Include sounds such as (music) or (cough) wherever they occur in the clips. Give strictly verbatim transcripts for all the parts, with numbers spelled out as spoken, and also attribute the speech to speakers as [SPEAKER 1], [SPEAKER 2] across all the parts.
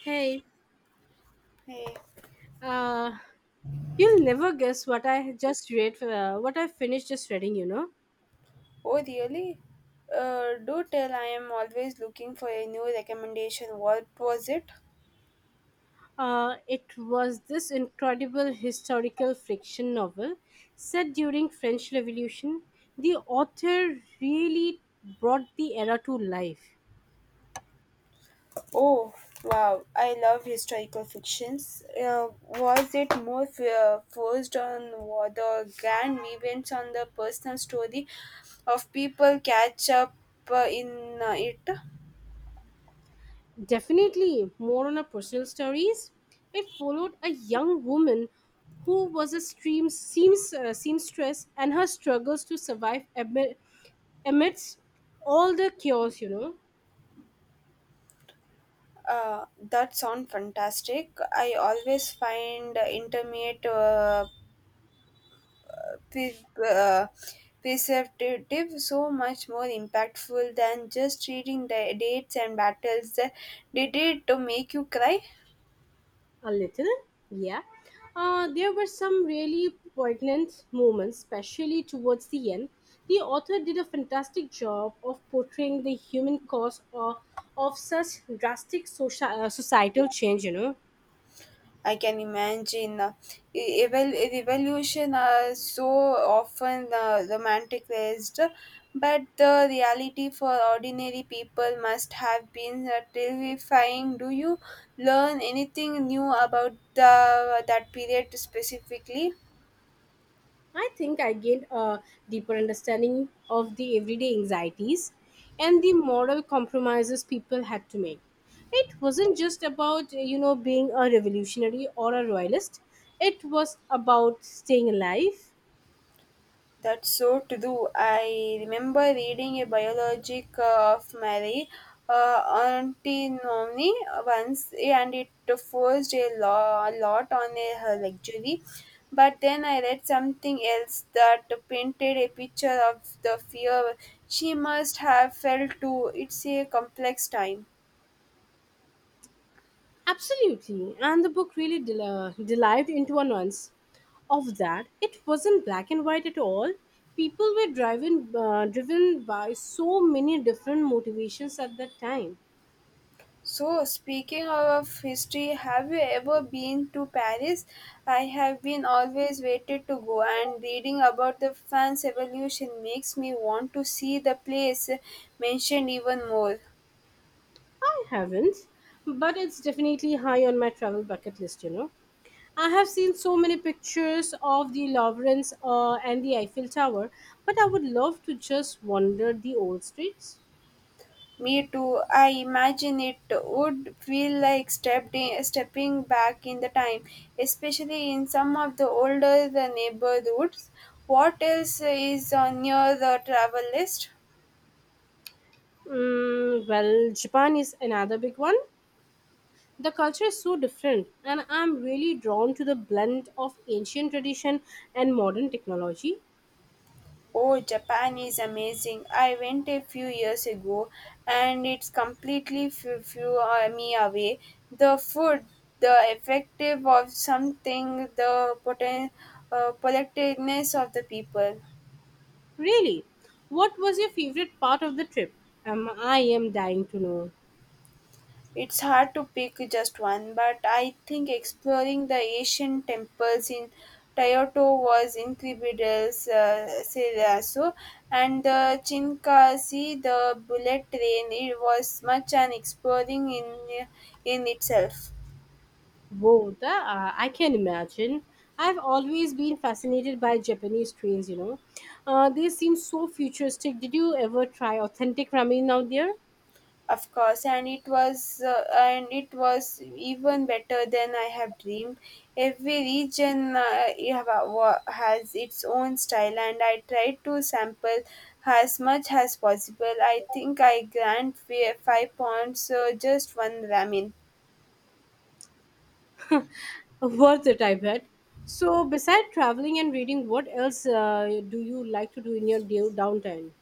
[SPEAKER 1] Hey,
[SPEAKER 2] Hey,
[SPEAKER 1] uh, you'll never guess what I just read, uh, what I finished just reading, you know.
[SPEAKER 2] oh really? Uh, do tell, I am always looking for a new recommendation. What was it?
[SPEAKER 1] Uh, it was this incredible historical fiction novel set during French Revolution. The author really brought the era to life.
[SPEAKER 2] Oh, wow. I love historical fictions. Uh, was it more f- uh, focused on what the grand events on the personal story of people catch up uh, in uh, it?
[SPEAKER 1] Definitely more on her personal stories. It followed a young woman who was a stream, seems, uh, seamstress and her struggles to survive amid, amidst all the chaos, you know.
[SPEAKER 2] Uh, that sound fantastic. I always find uh, intermediate uh, pre- uh, preservative so much more impactful than just reading the dates and battles. That did it to make you cry.
[SPEAKER 1] A little, yeah. Uh, there were some really poignant moments, especially towards the end. The author did a fantastic job of portraying the human cause of, of such drastic social, uh, societal change, you know.
[SPEAKER 2] I can imagine, uh, e- evol- revolution are so often uh, romanticized, but the reality for ordinary people must have been uh, terrifying. Do you learn anything new about the that period specifically?
[SPEAKER 1] I think I gained a deeper understanding of the everyday anxieties and the moral compromises people had to make. It wasn't just about, you know, being a revolutionary or a royalist, it was about staying alive.
[SPEAKER 2] That's so to do. I remember reading a biology of Mary uh, Antinomini once, and it forced a, lo- a lot on a, her luxury. But then I read something else that painted a picture of the fear she must have felt too. It's a complex time.
[SPEAKER 1] Absolutely, and the book really del- delved into a nuance of that. It wasn't black and white at all. People were driven, uh, driven by so many different motivations at that time.
[SPEAKER 2] So, speaking of history, have you ever been to Paris? I have been always waited to go, and reading about the France Revolution makes me want to see the place mentioned even more.
[SPEAKER 1] I haven't, but it's definitely high on my travel bucket list. You know, I have seen so many pictures of the Lawrence uh, and the Eiffel Tower, but I would love to just wander the old streets.
[SPEAKER 2] Me too. I imagine it would feel like stepped in, stepping back in the time, especially in some of the older the neighborhoods. What else is on your the travel list?
[SPEAKER 1] Mm, well, Japan is another big one. The culture is so different, and I'm really drawn to the blend of ancient tradition and modern technology.
[SPEAKER 2] Oh, Japan is amazing. I went a few years ago, and it's completely flew, flew uh, me away. The food, the effective of something, the poten- uh, politeness of the people.
[SPEAKER 1] Really, what was your favorite part of the trip? Um, I am dying to know.
[SPEAKER 2] It's hard to pick just one, but I think exploring the Asian temples in Kyoto was incredible, uh, Serasu, and the Chinkashi, the bullet train, it was much an exploring in in itself.
[SPEAKER 1] Whoa, the, uh, I can imagine. I've always been fascinated by Japanese trains, you know. Uh, they seem so futuristic. Did you ever try authentic ramen out there?
[SPEAKER 2] Of course, and it was uh, and it was even better than I have dreamed. Every region, uh, you have a- wa- has its own style, and I tried to sample as much as possible. I think I grant fi- five pounds uh, just one ramen.
[SPEAKER 1] (laughs) Worth it, I bet. So, besides traveling and reading, what else uh, do you like to do in your day- downtime?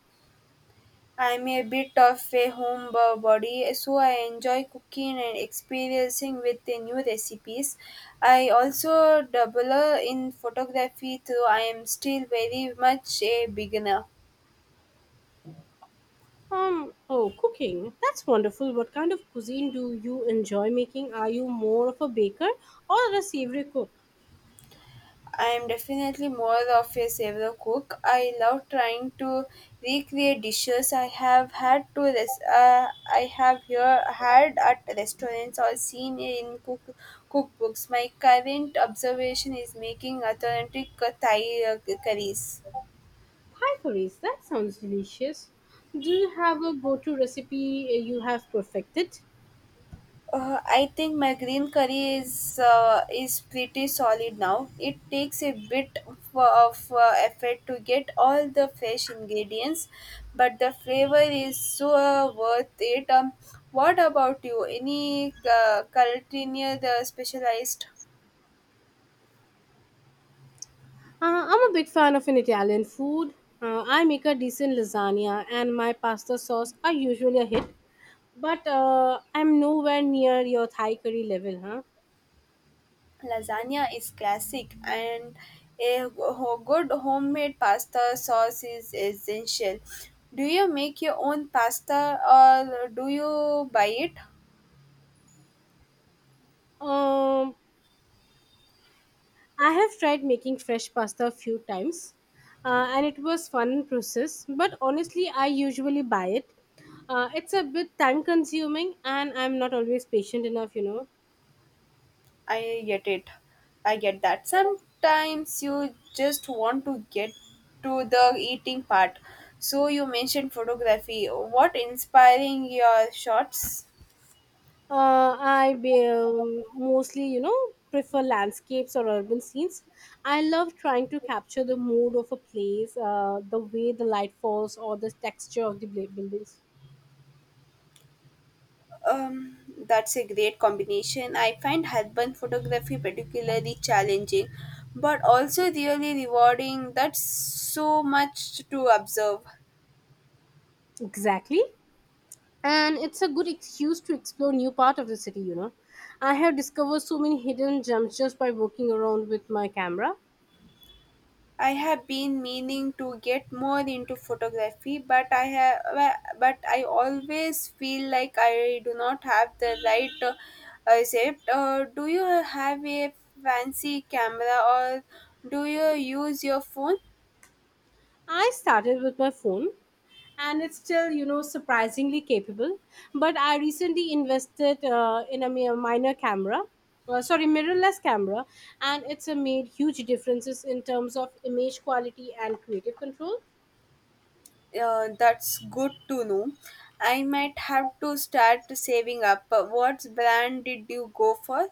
[SPEAKER 2] I'm a bit of a homebody, so I enjoy cooking and experiencing with the new recipes. I also dabble in photography, though I am still very much a beginner.
[SPEAKER 1] Um, oh, cooking. That's wonderful. What kind of cuisine do you enjoy making? Are you more of a baker or a savory cook?
[SPEAKER 2] I am definitely more of a saver cook. I love trying to recreate dishes I have had to res- uh, I have here had at restaurants or seen in cook cookbooks. My current observation is making authentic Thai uh, curries.
[SPEAKER 1] Thai curries. That sounds delicious. Do you have a go-to recipe? Uh, you have perfected?
[SPEAKER 2] Uh, I think my green curry is uh, is pretty solid now. It takes a bit of, of uh, effort to get all the fresh ingredients, but the flavor is so uh, worth it. Um, what about you? Any uh, culinary the specialized
[SPEAKER 1] Uh, I'm a big fan of an Italian food. Uh, I make a decent lasagna, and my pasta sauce are usually a hit. But uh, I'm nowhere near your Thai curry level, huh?
[SPEAKER 2] lasagna is classic, and a ho- good homemade pasta sauce is essential. Do you make your own pasta, or do you buy it?
[SPEAKER 1] Um, I have tried making fresh pasta a few times, uh, and it was fun process. But honestly, I usually buy it. Uh, it's a bit time consuming, and I'm not always patient enough. You know,
[SPEAKER 2] I get it. I get that. Sometimes you just want to get to the eating part. So you mentioned photography. What inspiring your shots?
[SPEAKER 1] uh, I be, um, mostly you know prefer landscapes or urban scenes. I love trying to capture the mood of a place, uh, the way the light falls, or the texture of the bla- buildings.
[SPEAKER 2] Um, that's a great combination. I find urban photography particularly challenging, but also really rewarding. That's so much to observe.
[SPEAKER 1] Exactly, and it's a good excuse to explore new part of the city, you know. I have discovered so many hidden gems just by walking around with my camera.
[SPEAKER 2] I have been meaning to get more into photography, but I have, but I always feel like I do not have the right uh, concept. Uh, do you have a fancy camera, or do you use your phone?
[SPEAKER 1] I started with my phone, and it's still, you know, surprisingly capable, but I recently invested uh, in a mi- minor camera uh, sorry mirrorless camera, and it's uh, made huge differences in terms of image quality and creative control.
[SPEAKER 2] Uh, that's good to know. I might have to start saving up. What brand did you go for?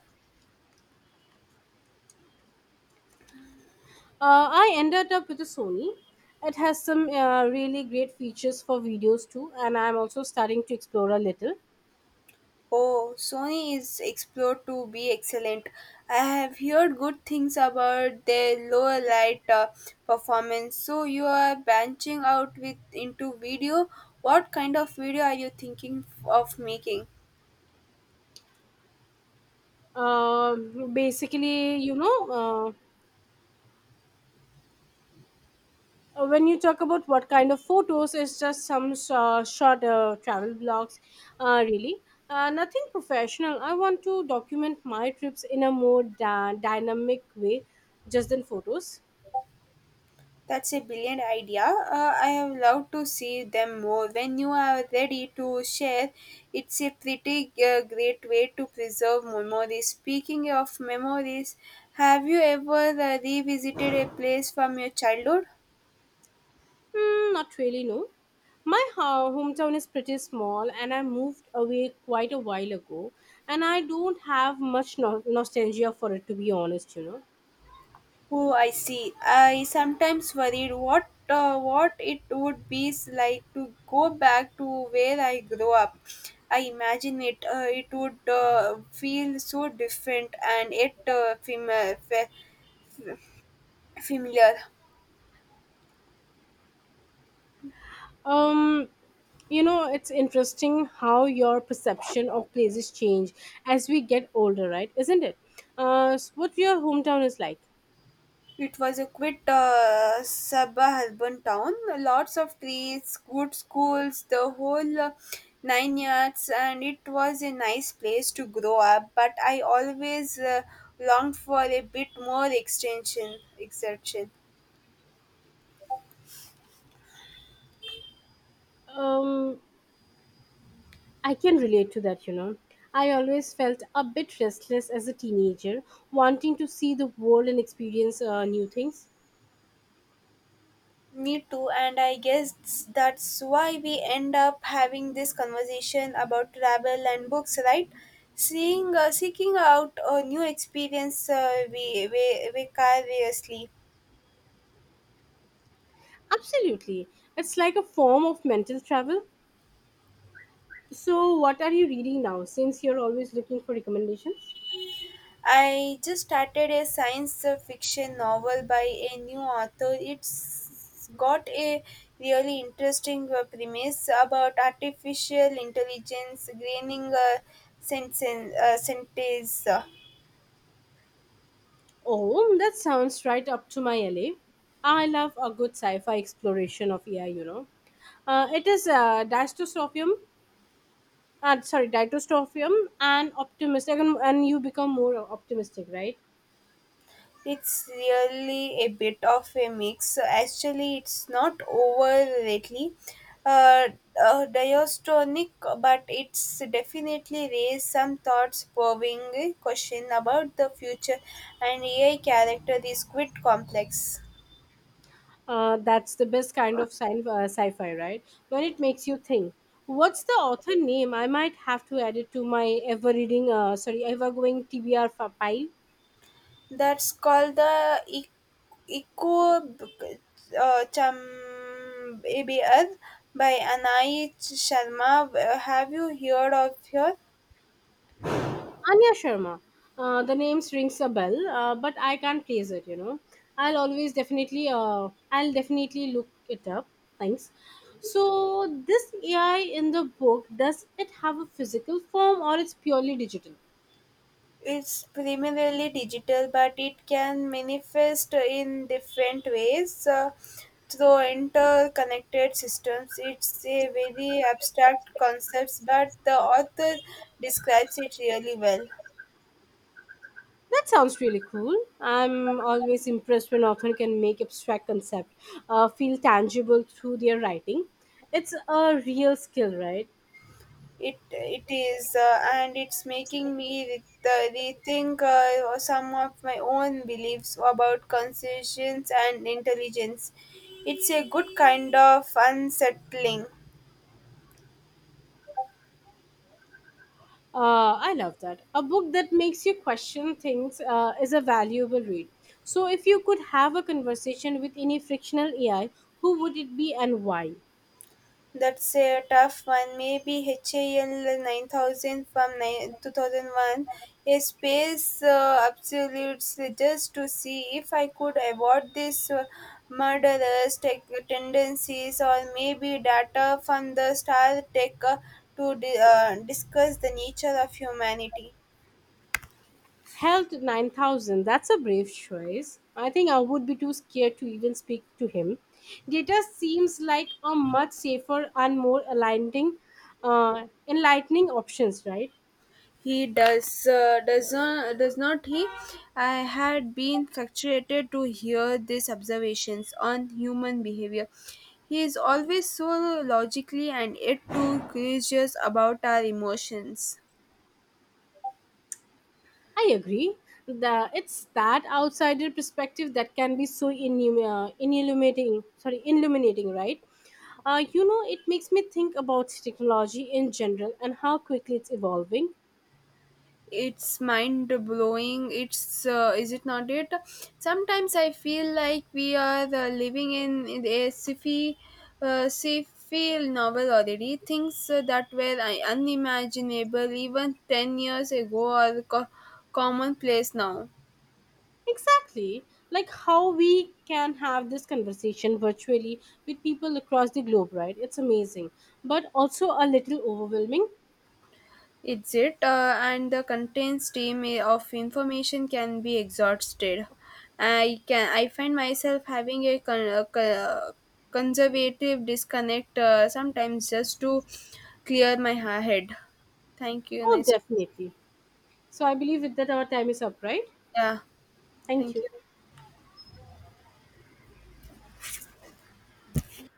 [SPEAKER 1] Uh, I ended up with a Sony. It has some uh, really great features for videos too, and I'm also starting to explore a little.
[SPEAKER 2] Oh, Sony is explored to be excellent. I have heard good things about their low light uh, performance. So you are branching out with into video. What kind of video are you thinking f- of making?
[SPEAKER 1] Um basically, you know, uh, when you talk about what kind of photos, it's just some uh, short uh, travel blogs, uh, really. Uh, nothing professional. I want to document my trips in a more dy- dynamic way, just than photos.
[SPEAKER 2] That's a brilliant idea. Uh, I have loved to see them more. When you are ready to share, it's a pretty uh, great way to preserve memories. Speaking of memories, have you ever uh, revisited a place from your childhood?
[SPEAKER 1] Hmm, not really, no. My ho- hometown is pretty small, and I moved away quite a while ago, and I don't have much no- nostalgia for it, to be honest, you know.
[SPEAKER 2] Oh, I see. I sometimes worried what uh, what it would be like to go back to where I grew up. I imagine it uh, it would uh, feel so different, and yet uh, fami- fa- familiar.
[SPEAKER 1] Um, you know, it's interesting how your perception of places change as we get older, right? Isn't it? Uh, s- what your hometown is like?
[SPEAKER 2] It was a quite uh, suburban town. Lots of trees, good schools, the whole uh, nine yards, and it was a nice place to grow up. But I always uh, longed for a bit more extension, exertion.
[SPEAKER 1] Um, I can relate to that, you know. I always felt a bit restless as a teenager, wanting to see the world and experience uh, new things.
[SPEAKER 2] Me too, and I guess that's why we end up having this conversation about travel and books, right? Seeing, uh, seeking out a new experience, uh, we, we, we curiously.
[SPEAKER 1] Absolutely. It's like a form of mental travel. So, what are you reading now since you're always looking for recommendations?
[SPEAKER 2] I just started a science fiction novel by a new author. It's got a really interesting uh, premise about artificial intelligence gaining uh, sentience- uh, sentience.
[SPEAKER 1] Oh, that sounds right up to my alley. I love a good sci fi exploration of A I, you know. Uh, it is uh, Dystopian, uh, sorry, Dystopian and optimistic, and, and you become more optimistic, right?
[SPEAKER 2] It's really a bit of a mix. So, actually, it's not overtly uh, uh, diastonic, but it's definitely raised some thoughts probing a question about the future, and A I character is quite complex.
[SPEAKER 1] Uh, that's the best kind of sci- uh, sci-fi, right? When it makes you think. What's the author name? I might have to add it to my ever-reading, uh, sorry, ever-going T B R fa- pile.
[SPEAKER 2] That's called the e- eco uh, chamber by Anai Sharma. Have you heard of her?
[SPEAKER 1] Anya Sharma. Uh, the name rings a bell, uh, but I can't place it. You know, I'll always definitely, uh, I'll definitely look it up. Thanks. So this A I in the book, does it have a physical form or it's purely digital?
[SPEAKER 2] It's primarily digital, but it can manifest in different ways uh, through interconnected systems. It's a very abstract concept, but the author describes it really well.
[SPEAKER 1] That sounds really cool. I'm always impressed when author can make abstract concept uh, feel tangible through their writing. It's a real skill, right?
[SPEAKER 2] It it is, uh, and it's making me re- the- rethink uh, some of my own beliefs about conscience and intelligence. It's a good kind of unsettling.
[SPEAKER 1] Uh, I love that. A book that makes you question things uh, is a valuable read. So, if you could have a conversation with any frictional A I, who would it be and why?
[SPEAKER 2] That's a tough one. Maybe HAL nine thousand from ni- two thousand one, a space uh, absolutes, just to see if I could avoid these uh, murderous tech tendencies, or maybe data from the star tech, uh, to di- uh, discuss the nature of humanity.
[SPEAKER 1] Held nine thousand, that's a brave choice. I think I would be too scared to even speak to him. Data seems like a much safer and more aligning, uh, enlightening options, right?
[SPEAKER 2] He does, uh, does not does not he? I had been fascinated to hear these observations on human behavior. He is always so logically and yet too curious about our emotions.
[SPEAKER 1] I agree. The, it's that outsider perspective that can be so inum- uh, illuminating, sorry, illuminating, right? Uh, you know, it makes me think about technology in general and how quickly it's evolving.
[SPEAKER 2] It's mind blowing, it's, uh, is it not? It sometimes I feel like we are uh, living in a sci-fi uh, sci-fi novel already. Things uh, that were uh, unimaginable even ten years ago are co- commonplace now.
[SPEAKER 1] Exactly. Like how we can have this conversation virtually with people across the globe, right? It's amazing, but also a little overwhelming.
[SPEAKER 2] It's it, uh, and the content stream i- of information can be exhausted. I can, I find myself having a, con- a co- conservative disconnect uh, sometimes just to clear my ha- head. Thank you.
[SPEAKER 1] Oh,
[SPEAKER 2] Nice. To
[SPEAKER 1] definitely. So I believe with that our time is up, right?
[SPEAKER 2] yeah.
[SPEAKER 1] Thank
[SPEAKER 2] Thank
[SPEAKER 1] you.
[SPEAKER 2] you.